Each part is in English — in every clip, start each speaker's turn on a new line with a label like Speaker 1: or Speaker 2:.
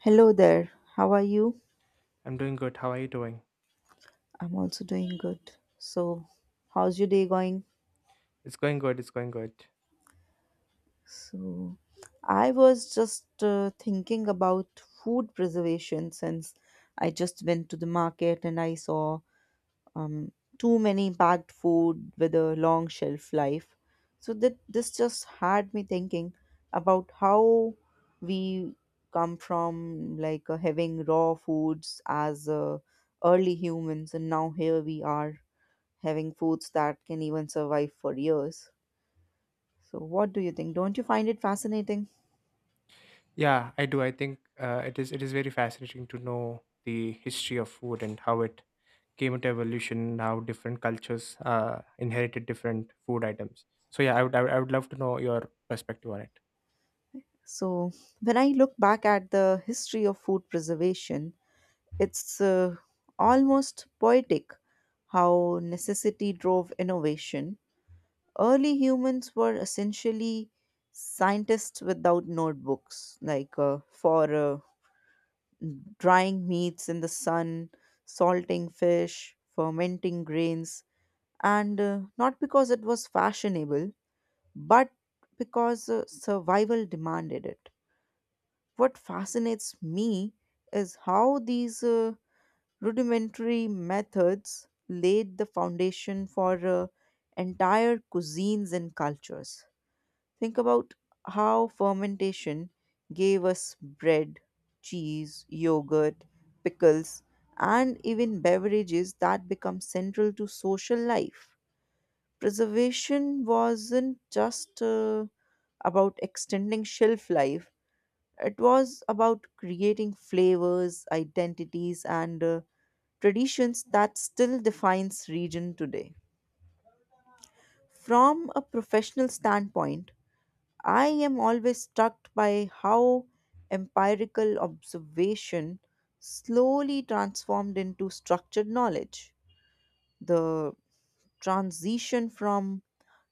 Speaker 1: Hello there. How are you?
Speaker 2: I'm doing good. How are you doing?
Speaker 1: I'm also doing good. So, how's your day going?
Speaker 2: It's going good. It's going good.
Speaker 1: So, I was just thinking about food preservation since I just went to the market and I saw um, too many packed food with a long shelf life. So, that this just had me thinking about how we come from like having raw foods as early humans, and now here we are having foods that can even survive for years. So, what do you think? Don't you find it fascinating?
Speaker 2: Yeah, I do. I think it is. It is very fascinating to know the history of food and how it came into evolution. How different cultures inherited different food items. So yeah, I would love to know your perspective on it.
Speaker 1: So, when I look back at the history of food preservation, it's almost poetic how necessity drove innovation. Early humans were essentially scientists without notebooks, like for drying meats in the sun, salting fish, fermenting grains, and not because it was fashionable, but because survival demanded it. What fascinates me is how these rudimentary methods laid the foundation for entire cuisines and cultures. Think about how fermentation gave us bread, cheese, yogurt, pickles, and even beverages that become central to social life. Preservation wasn't just about extending shelf life. It was about creating flavors, identities, and traditions that still defines region today. From a professional standpoint, I am always struck by how empirical observation slowly transformed into structured knowledge. The transition from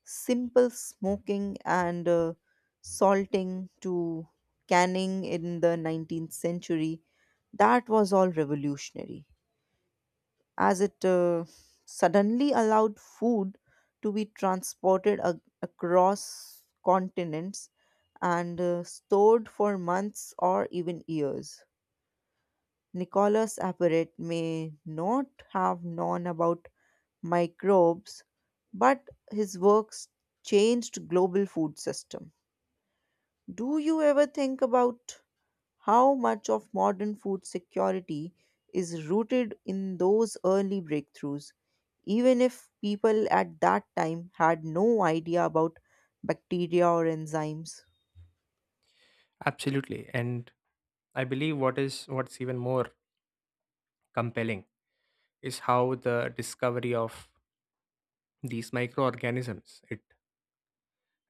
Speaker 1: simple smoking and salting to canning in the 19th century, that was all revolutionary, as it suddenly allowed food to be transported across continents and stored for months or even years. Nicholas Apperet may not have known about microbes, but his works changed global food system. Do you ever think about how much of modern food security is rooted in those early breakthroughs, even if people at that time had no idea about bacteria or enzymes?
Speaker 2: Absolutely. And I believe what's even more compelling is how the discovery of these microorganisms it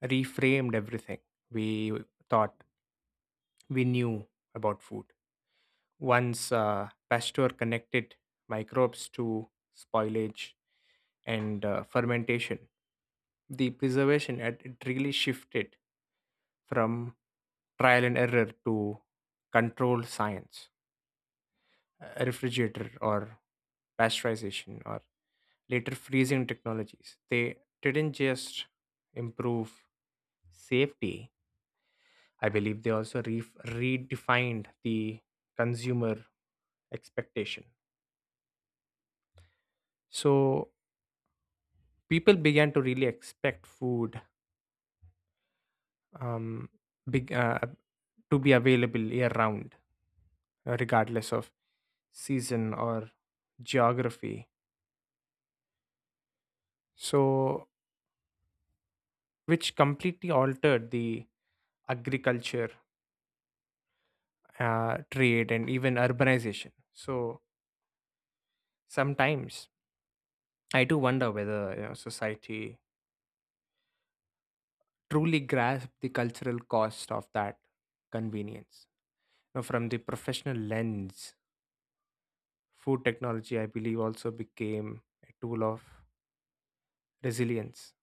Speaker 2: reframed everything we thought we knew about food. Once Pasteur connected microbes to spoilage and fermentation, the preservation had it really shifted from trial and error to controlled science, refrigerator or pasteurization or later freezing technologies. They didn't just improve safety. I believe they also redefined the consumer expectation. So people began to really expect food, um, big, uh, to be available year round, regardless of season or geography. So, which completely altered the agriculture, trade, and even urbanization. So, sometimes I do wonder whether you know, society truly grasped the cultural cost of that convenience. Now, from the professional lens, food technology, I believe, also became a tool of resilience,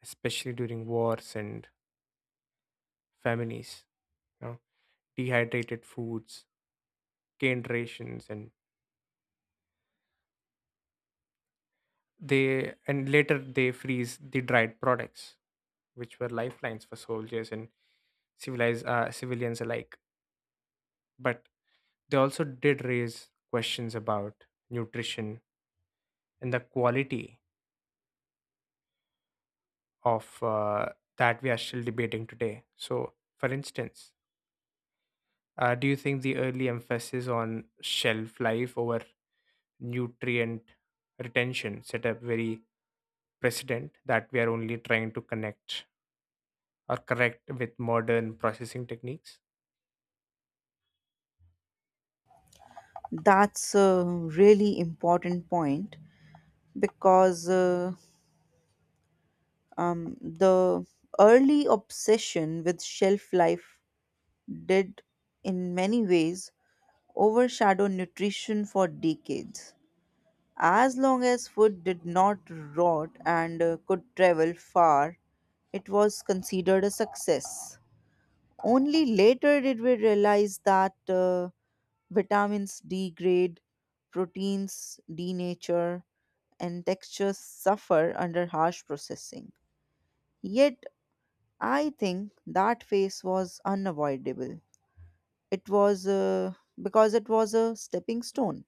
Speaker 2: especially during wars and famines. You know, dehydrated foods, canned rations, and they and later they freeze the dried products, which were lifelines for soldiers and civilized civilians alike. But they also did raise questions about nutrition and the quality of that we are still debating today. So, for instance, do you think the early emphasis on shelf life over nutrient retention set a very precedent that we are only trying to connect or correct with modern processing techniques?
Speaker 1: That's a really important point because the early obsession with shelf life did in many ways overshadow nutrition for decades. As long as food did not rot and could travel far, it was considered a success. Only later did we realize that vitamins degrade, proteins denature, and textures suffer under harsh processing. Yet, I think that phase was unavoidable. It was uh, it was a stepping stone.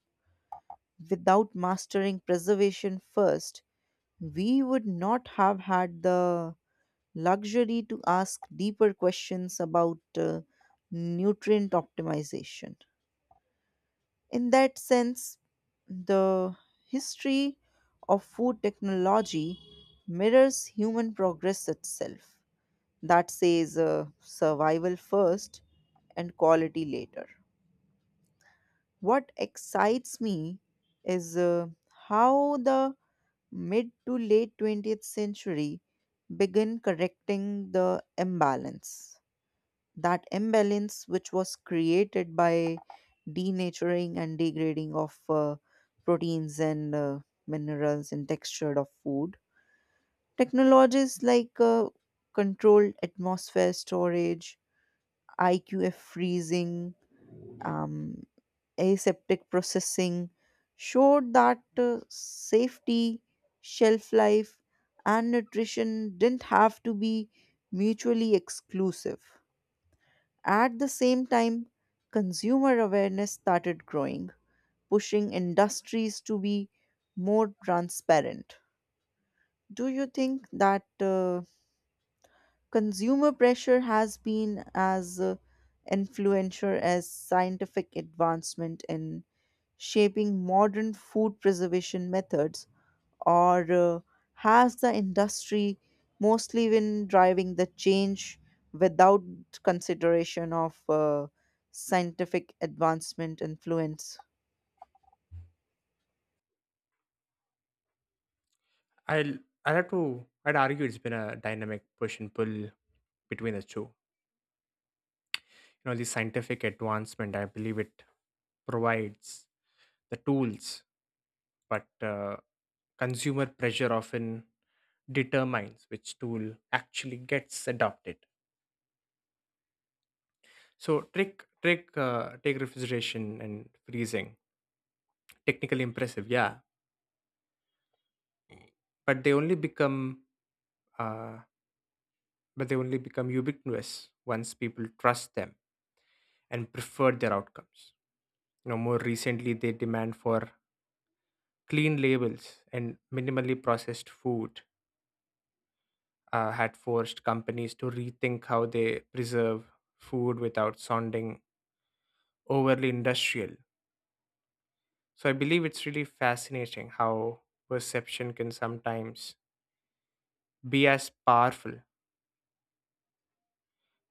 Speaker 1: Without mastering preservation first, we would not have had the luxury to ask deeper questions about nutrient optimization. In that sense, the history of food technology mirrors human progress itself. That says survival first and quality later. What excites me is how the mid to late 20th century began correcting the imbalance. That imbalance, which was created by denaturing and degrading of proteins and minerals and texture of food. Technologies like controlled atmosphere storage, IQF freezing, um aseptic processing showed that safety, shelf life, and nutrition didn't have to be mutually exclusive. At the same time, consumer awareness started growing, pushing industries to be more transparent. Do you think that consumer pressure has been as influential as scientific advancement in shaping modern food preservation methods, or has the industry mostly been driving the change without consideration of scientific advancement influence?
Speaker 2: I'll I'd have to I'd argue it's been a dynamic push and pull between the two. You know, the scientific advancement, I believe it provides the tools, but consumer pressure often determines which tool actually gets adopted. So trick trick take refrigeration and freezing. Technically impressive, yeah. But they only become uh, but they only become ubiquitous once people trust them and prefer their outcomes. You know, more recently they demand for clean labels and minimally processed food had forced companies to rethink how they preserve food without sounding overly industrial. So I believe it's really fascinating how perception can sometimes be as powerful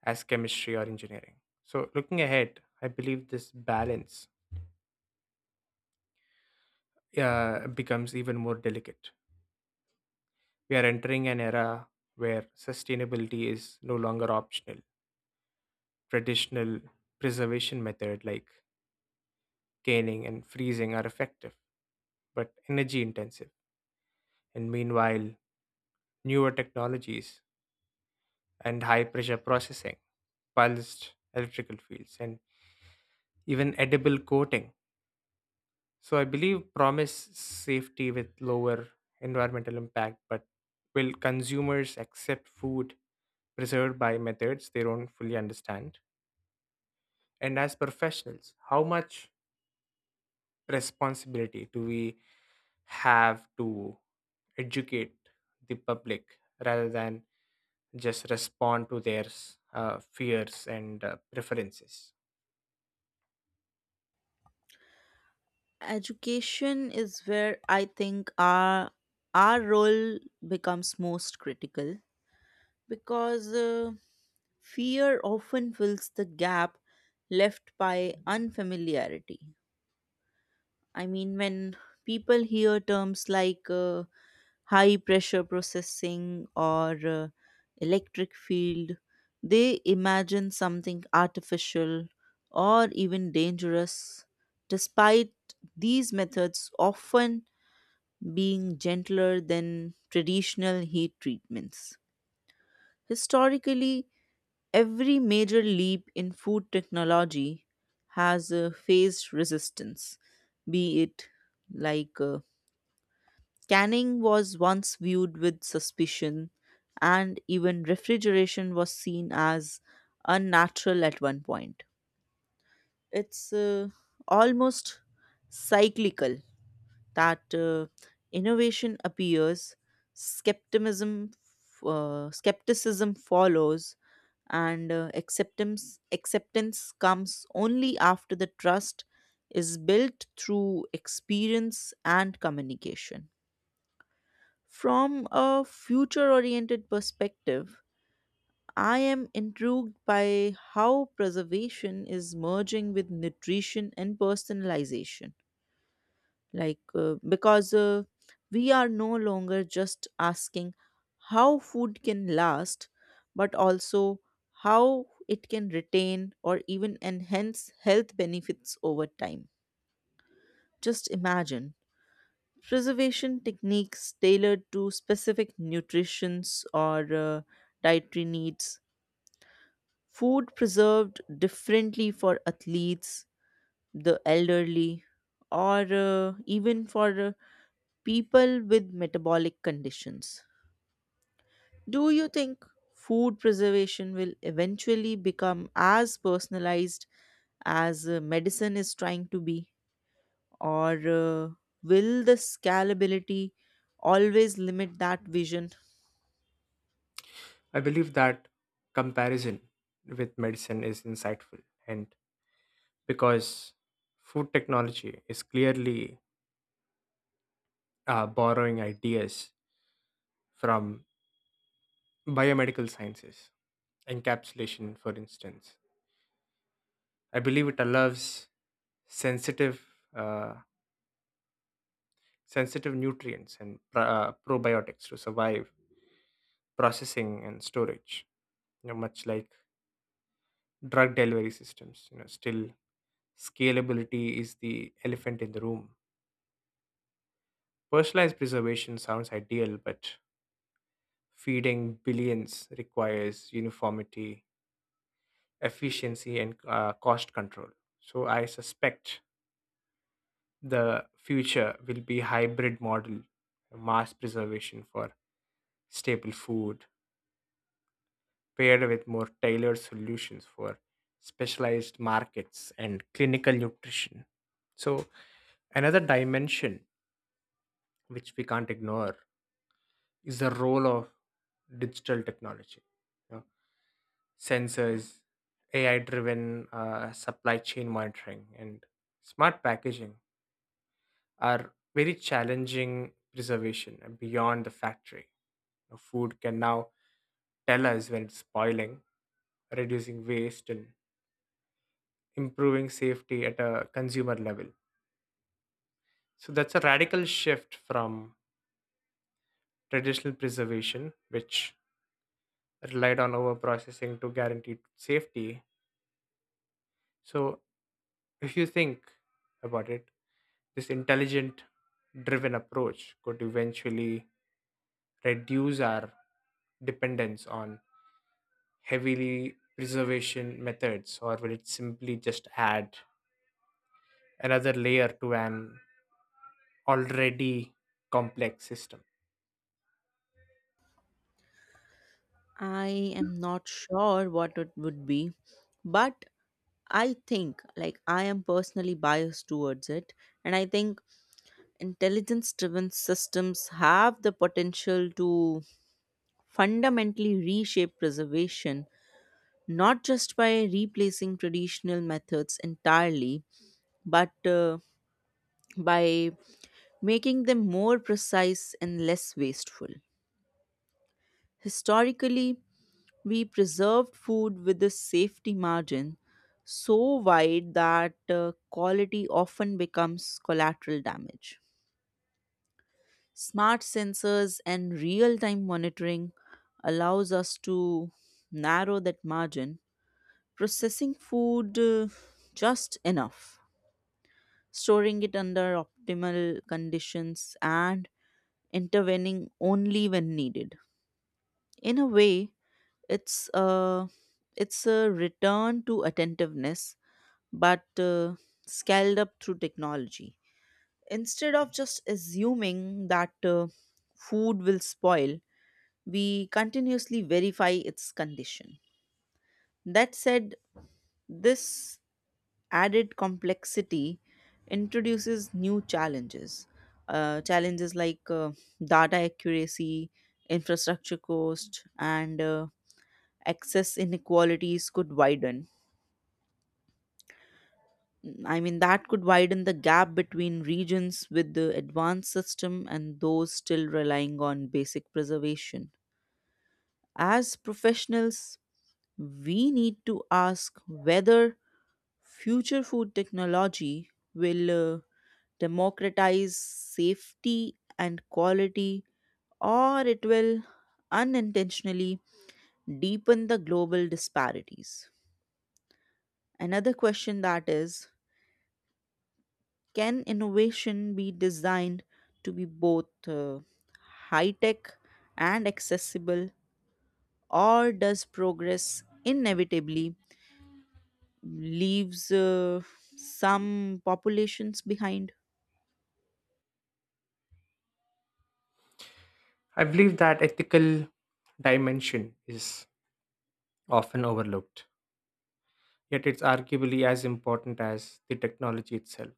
Speaker 2: as chemistry or engineering. So looking ahead, I believe this balance becomes even more delicate. We are entering an era where sustainability is no longer optional. Traditional preservation methods like canning and freezing are effective but energy intensive. And meanwhile, newer technologies and high pressure processing, pulsed electrical fields, and even edible coating. So I believe promise safety with lower environmental impact, but will consumers accept food preserved by methods they don't fully understand? And as professionals, how much responsibility do we have to educate the public rather than just respond to their fears and preferences?
Speaker 1: Education is where I think our role becomes most critical because fear often fills the gap left by unfamiliarity. I mean, when people hear terms like high pressure processing or electric field, they imagine something artificial or even dangerous, despite these methods often being gentler than traditional heat treatments. Historically, every major leap in food technology has faced resistance, be it like canning was once viewed with suspicion, and even refrigeration was seen as unnatural at one point. It's almost cyclical that innovation appears, skepticism, skepticism follows, and acceptance comes only after the trust is built through experience and communication. From a future oriented perspective, I am intrigued by how preservation is merging with nutrition and personalization. Because we are no longer just asking how food can last, but also how it can retain or even enhance health benefits over time. Just imagine preservation techniques tailored to specific nutritions or dietary needs, food preserved differently for athletes, the elderly, or even for people with metabolic conditions. Do you think food preservation will eventually become as personalized as medicine is trying to be, or will the scalability always limit that vision?
Speaker 2: I believe that comparison with medicine is insightful and because food technology is clearly borrowing ideas from biomedical sciences. Encapsulation, for instance, I believe it allows sensitive, uh, sensitive nutrients and probiotics to survive processing and storage. You know, much like drug delivery systems, you know, still scalability is the elephant in the room. Personalized preservation sounds ideal, but feeding billions requires uniformity, efficiency, and cost control. So I suspect the future will be hybrid model, mass preservation for staple food paired with more tailored solutions for specialized markets and clinical nutrition. So another dimension which we can't ignore is the role of digital technology. You know, sensors, AI driven supply chain monitoring and smart packaging are very challenging preservation and beyond the factory. You know, food can now tell us when it's spoiling, reducing waste, and improving safety at a consumer level. So that's a radical shift from traditional preservation, which relied on overprocessing to guarantee safety. So if you think about it, this intelligent driven approach could eventually reduce our dependence on heavily preservation methods, or will it simply just add another layer to an already complex system?
Speaker 1: I am not sure what it would be, but I think, like, I am personally biased towards it. And I think intelligence driven systems have the potential to fundamentally reshape preservation, not just by replacing traditional methods entirely, but by making them more precise and less wasteful. Historically, we preserved food with a safety margin so wide that quality often becomes collateral damage. Smart sensors and real-time monitoring allows us to narrow that margin, processing food just enough, storing it under optimal conditions, and intervening only when needed. In a way, it's a it's a return to attentiveness, but scaled up through technology. Instead of just assuming that food will spoil, we continuously verify its condition. That said, this added complexity introduces new challenges. Challenges like data accuracy, infrastructure cost, and access inequalities could widen I mean, that could widen the gap between regions with the advanced system and those still relying on basic preservation. As professionals, we need to ask whether future food technology will uh, democratize safety and quality, or it will unintentionally deepen the global disparities. Another question that is, can innovation be designed to be both high tech and accessible, or does progress inevitably leaves some populations behind?
Speaker 2: I believe that ethical dimension is often overlooked, yet it's arguably as important as the technology itself.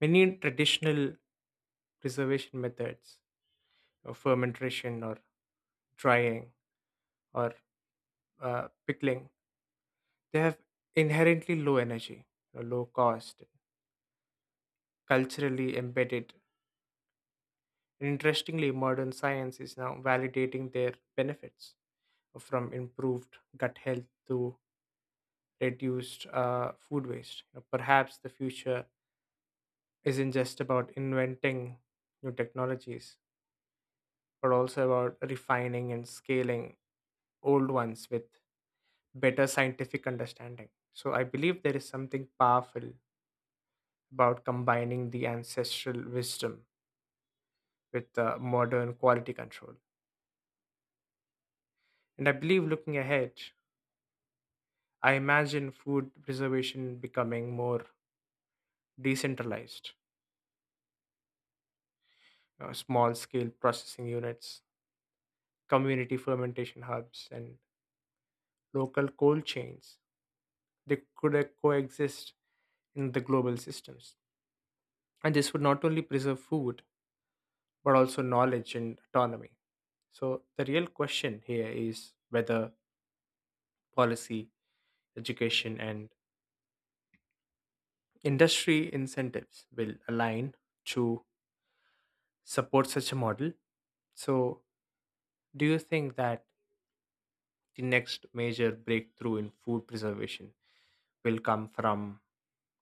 Speaker 2: Many traditional preservation methods, or fermentation or drying or pickling, they have inherently low energy, you know, low cost, culturally embedded. Interestingly, modern science is now validating their benefits from improved gut health to reduced food waste. You know, perhaps the future isn't just about inventing new technologies, but also about refining and scaling old ones with better scientific understanding. So I believe there is something powerful about combining the ancestral wisdom with the modern quality control. And I believe looking ahead, I imagine food preservation becoming more decentralized, small scale processing units, community fermentation hubs, and local cold chains. They could coexist in the global systems. And this would not only preserve food, but also knowledge and autonomy. So, the real question here is whether policy, education, and industry incentives will align to support such a model. So, do you think that the next major breakthrough in food preservation will come from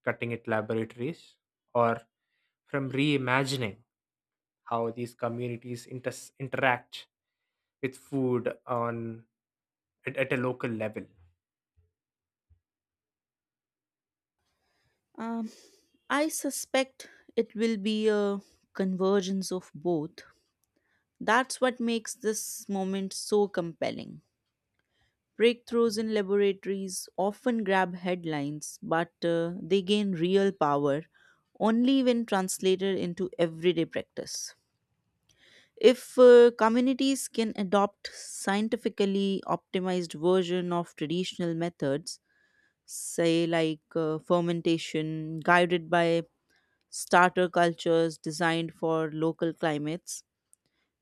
Speaker 2: cutting edge laboratories or from reimagining how these communities interact with food on at a local level?
Speaker 1: Um, I suspect it will be a convergence of both. That's what makes this moment so compelling. Breakthroughs in laboratories often grab headlines, but they gain real power only when translated into everyday practice. If communities can adopt scientifically optimized version of traditional methods, say like fermentation guided by starter cultures designed for local climates,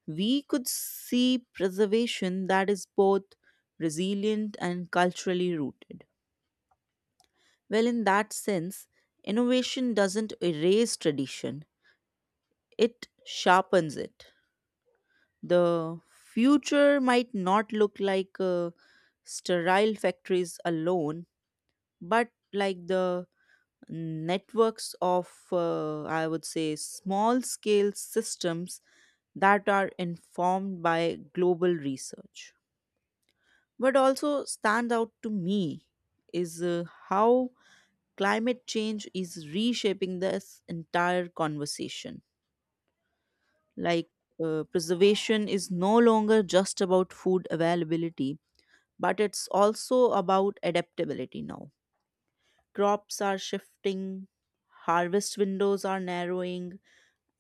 Speaker 1: we could see preservation that is both resilient and culturally rooted. Well, in that sense, innovation doesn't erase tradition, it sharpens it. The future might not look like sterile factories alone, but like the networks of, I would say, small scale systems that are informed by global research. What also stands out to me is how climate change is reshaping this entire conversation. Like, Preservation is no longer just about food availability, but it's also about adaptability now. Crops are shifting, harvest windows are narrowing,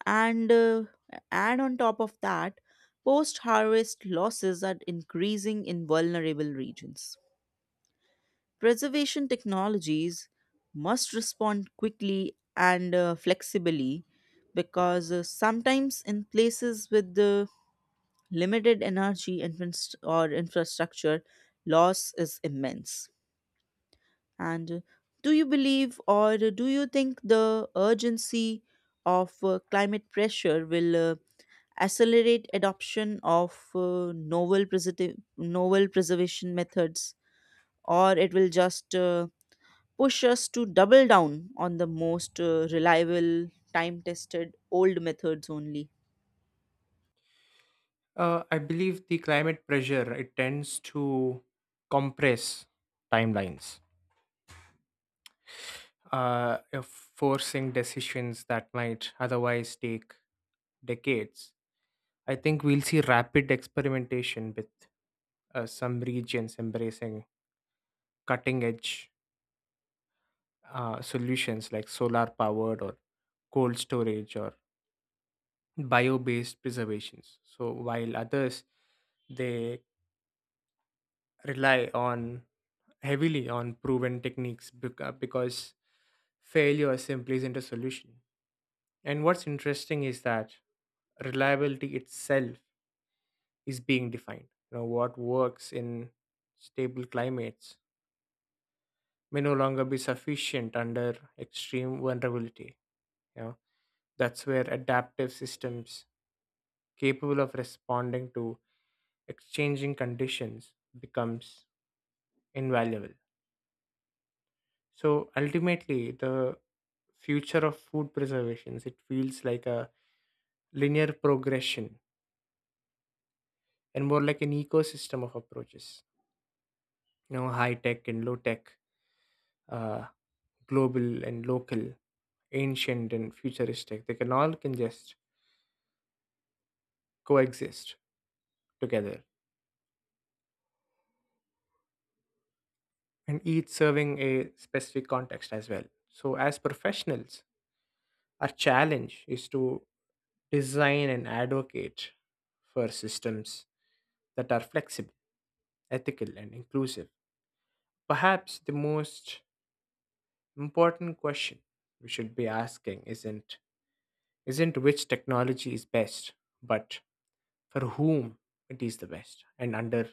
Speaker 1: and on top of that, post harvest losses are increasing in vulnerable regions. Preservation technologies must respond quickly and flexibly because sometimes in places with limited energy and inst- or infrastructure, loss is immense. And do you think the urgency of climate pressure will accelerate adoption of novel preservation methods, or it will just push us to double down on the most reliable, time tested old methods only?
Speaker 2: I believe the climate pressure it tends to compress timelines, forcing decisions that might otherwise take decades. I think we'll see rapid experimentation with some regions embracing cutting edge solutions like solar powered or cold storage or bio based preservations. So, while others they rely on heavily on proven techniques because failure simply isn't a solution. And what's interesting is that reliability itself is being defined. You know, what works in stable climates may no longer be sufficient under extreme vulnerability. You know, that's where adaptive systems capable of responding to exchanging conditions becomes invaluable. So ultimately, the future of food preservation, it feels like a linear progression and more like an ecosystem of approaches. You know, high tech and low tech, uh, global and local, ancient and futuristic. They can all can just coexist together and each serving a specific context as well. So, as professionals, our challenge is to design and advocate for systems that are flexible, ethical, and inclusive. Perhaps the most important question we should be asking isn't which technology is best, but for whom it is the best and under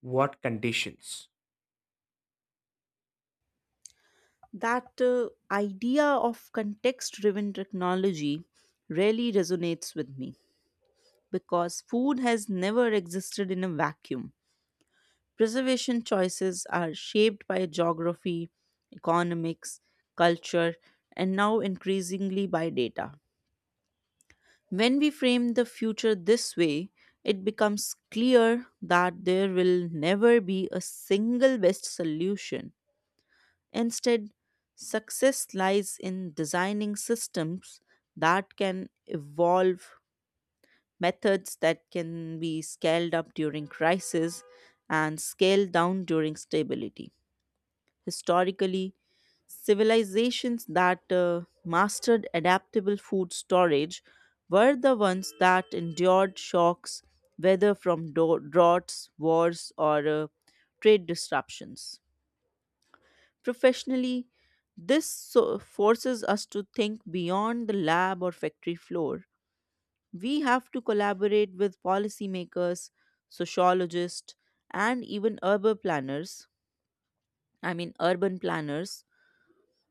Speaker 2: what conditions.
Speaker 1: That idea of context driven technology really resonates with me because food has never existed in a vacuum. Preservation choices are shaped by geography, economics, culture, and now increasingly by data. When we frame the future this way, it becomes clear that there will never be a single best solution. Instead, success lies in designing systems that can evolve, methods that can be scaled up during crisis and scaled down during stability. Historically, civilizations that mastered adaptable food storage were the ones that endured shocks, whether from droughts, wars, or trade disruptions. Professionally, this forces us to think beyond the lab or factory floor. We have to collaborate with policymakers, sociologists, and even urban planners. I mean, urban planners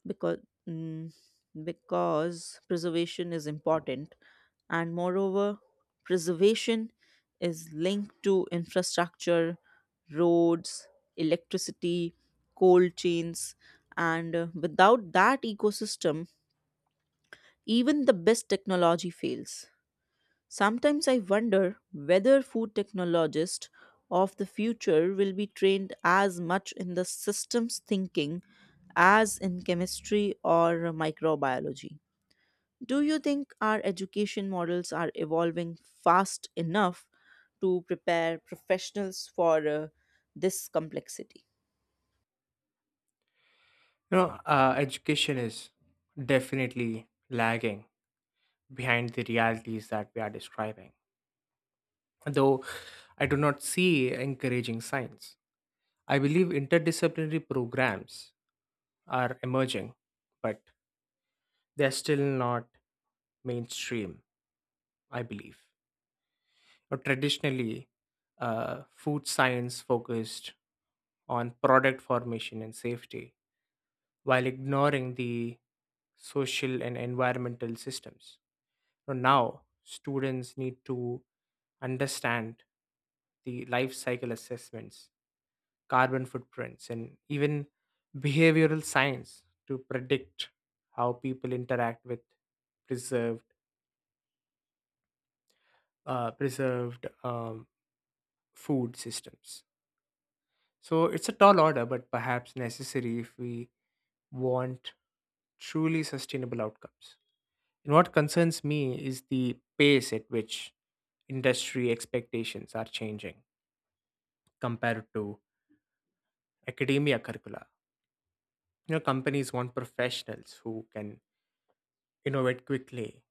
Speaker 1: because mm, preservation is important, and moreover, preservation is linked to infrastructure, roads, electricity, cold chains, and without that ecosystem, even the best technology fails. Sometimes I wonder whether food technologists of the future will be trained as much in the systems thinking as in chemistry or microbiology. Do you think our education models are evolving fast enough to prepare professionals for this complexity?
Speaker 2: You know, education is definitely lagging behind the realities that we are describing, though I do not see encouraging signs. I believe interdisciplinary programs are emerging but they're still not mainstream, I believe. Now, traditionally food science focused on product formation and safety while ignoring the social and environmental systems. So now students need to understand the life cycle assessments, carbon footprints, and even behavioral science to predict how people interact with preserved preserved food systems. So it's a tall order, but perhaps necessary if we want truly sustainable outcomes. And what concerns me is the pace at which industry expectations are changing compared to academia curricula. You know, companies want professionals who can innovate quickly,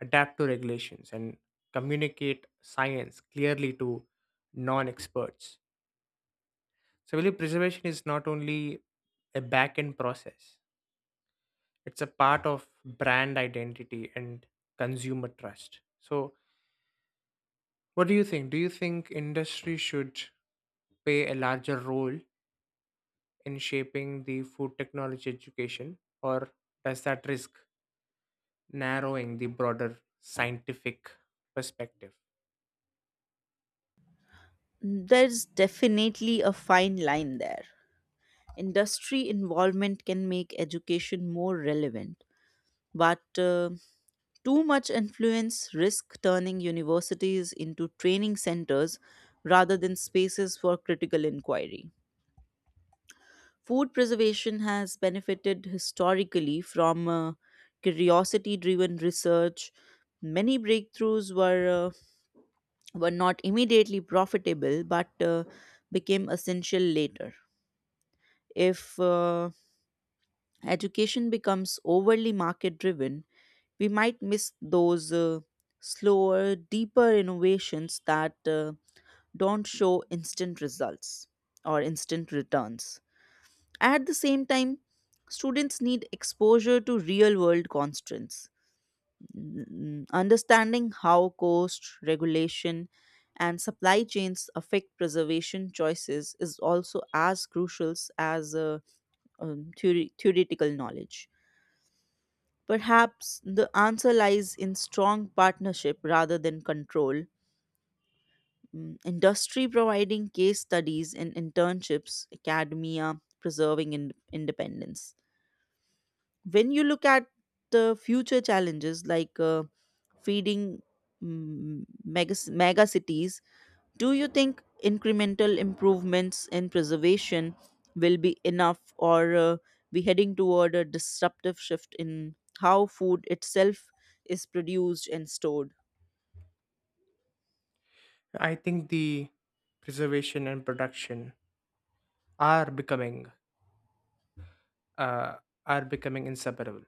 Speaker 2: adapt to regulations, and communicate science clearly to non experts. So, value preservation is not only a back end process, it's a part of brand identity and consumer trust. So, what do you think? Do you think industry should play a larger role in shaping the food technology education, or does that risk narrowing the broader scientific perspective?
Speaker 1: There's definitely a fine line there. Industry involvement can make education more relevant, but too much influence risk turning universities into training centers rather than spaces for critical inquiry. Food preservation has benefited historically from curiosity driven research. Many breakthroughs were not immediately profitable, but became essential later. If education becomes overly market driven, we might miss those slower, deeper innovations that don't show instant results or instant returns. At the same time, students need exposure to real world constraints. Understanding how cost, regulation, and supply chains affect preservation choices is also as crucial as theoretical knowledge. Perhaps the answer lies in strong partnership rather than control. Industry providing case studies and internships, academia preserving independence. When you look at the future challenges like feeding mega cities, do you think incremental improvements in preservation will be enough, or we heading toward a disruptive shift in how food itself is produced and stored?
Speaker 2: I think the preservation and production are becoming uh, inseparable.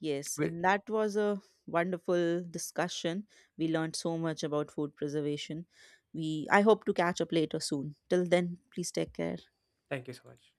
Speaker 1: Yes,
Speaker 2: Wi-
Speaker 1: and that was a wonderful discussion. We learned so much about food preservation. We I hope to catch up later soon. Till then, please take care.
Speaker 2: Thank you so much.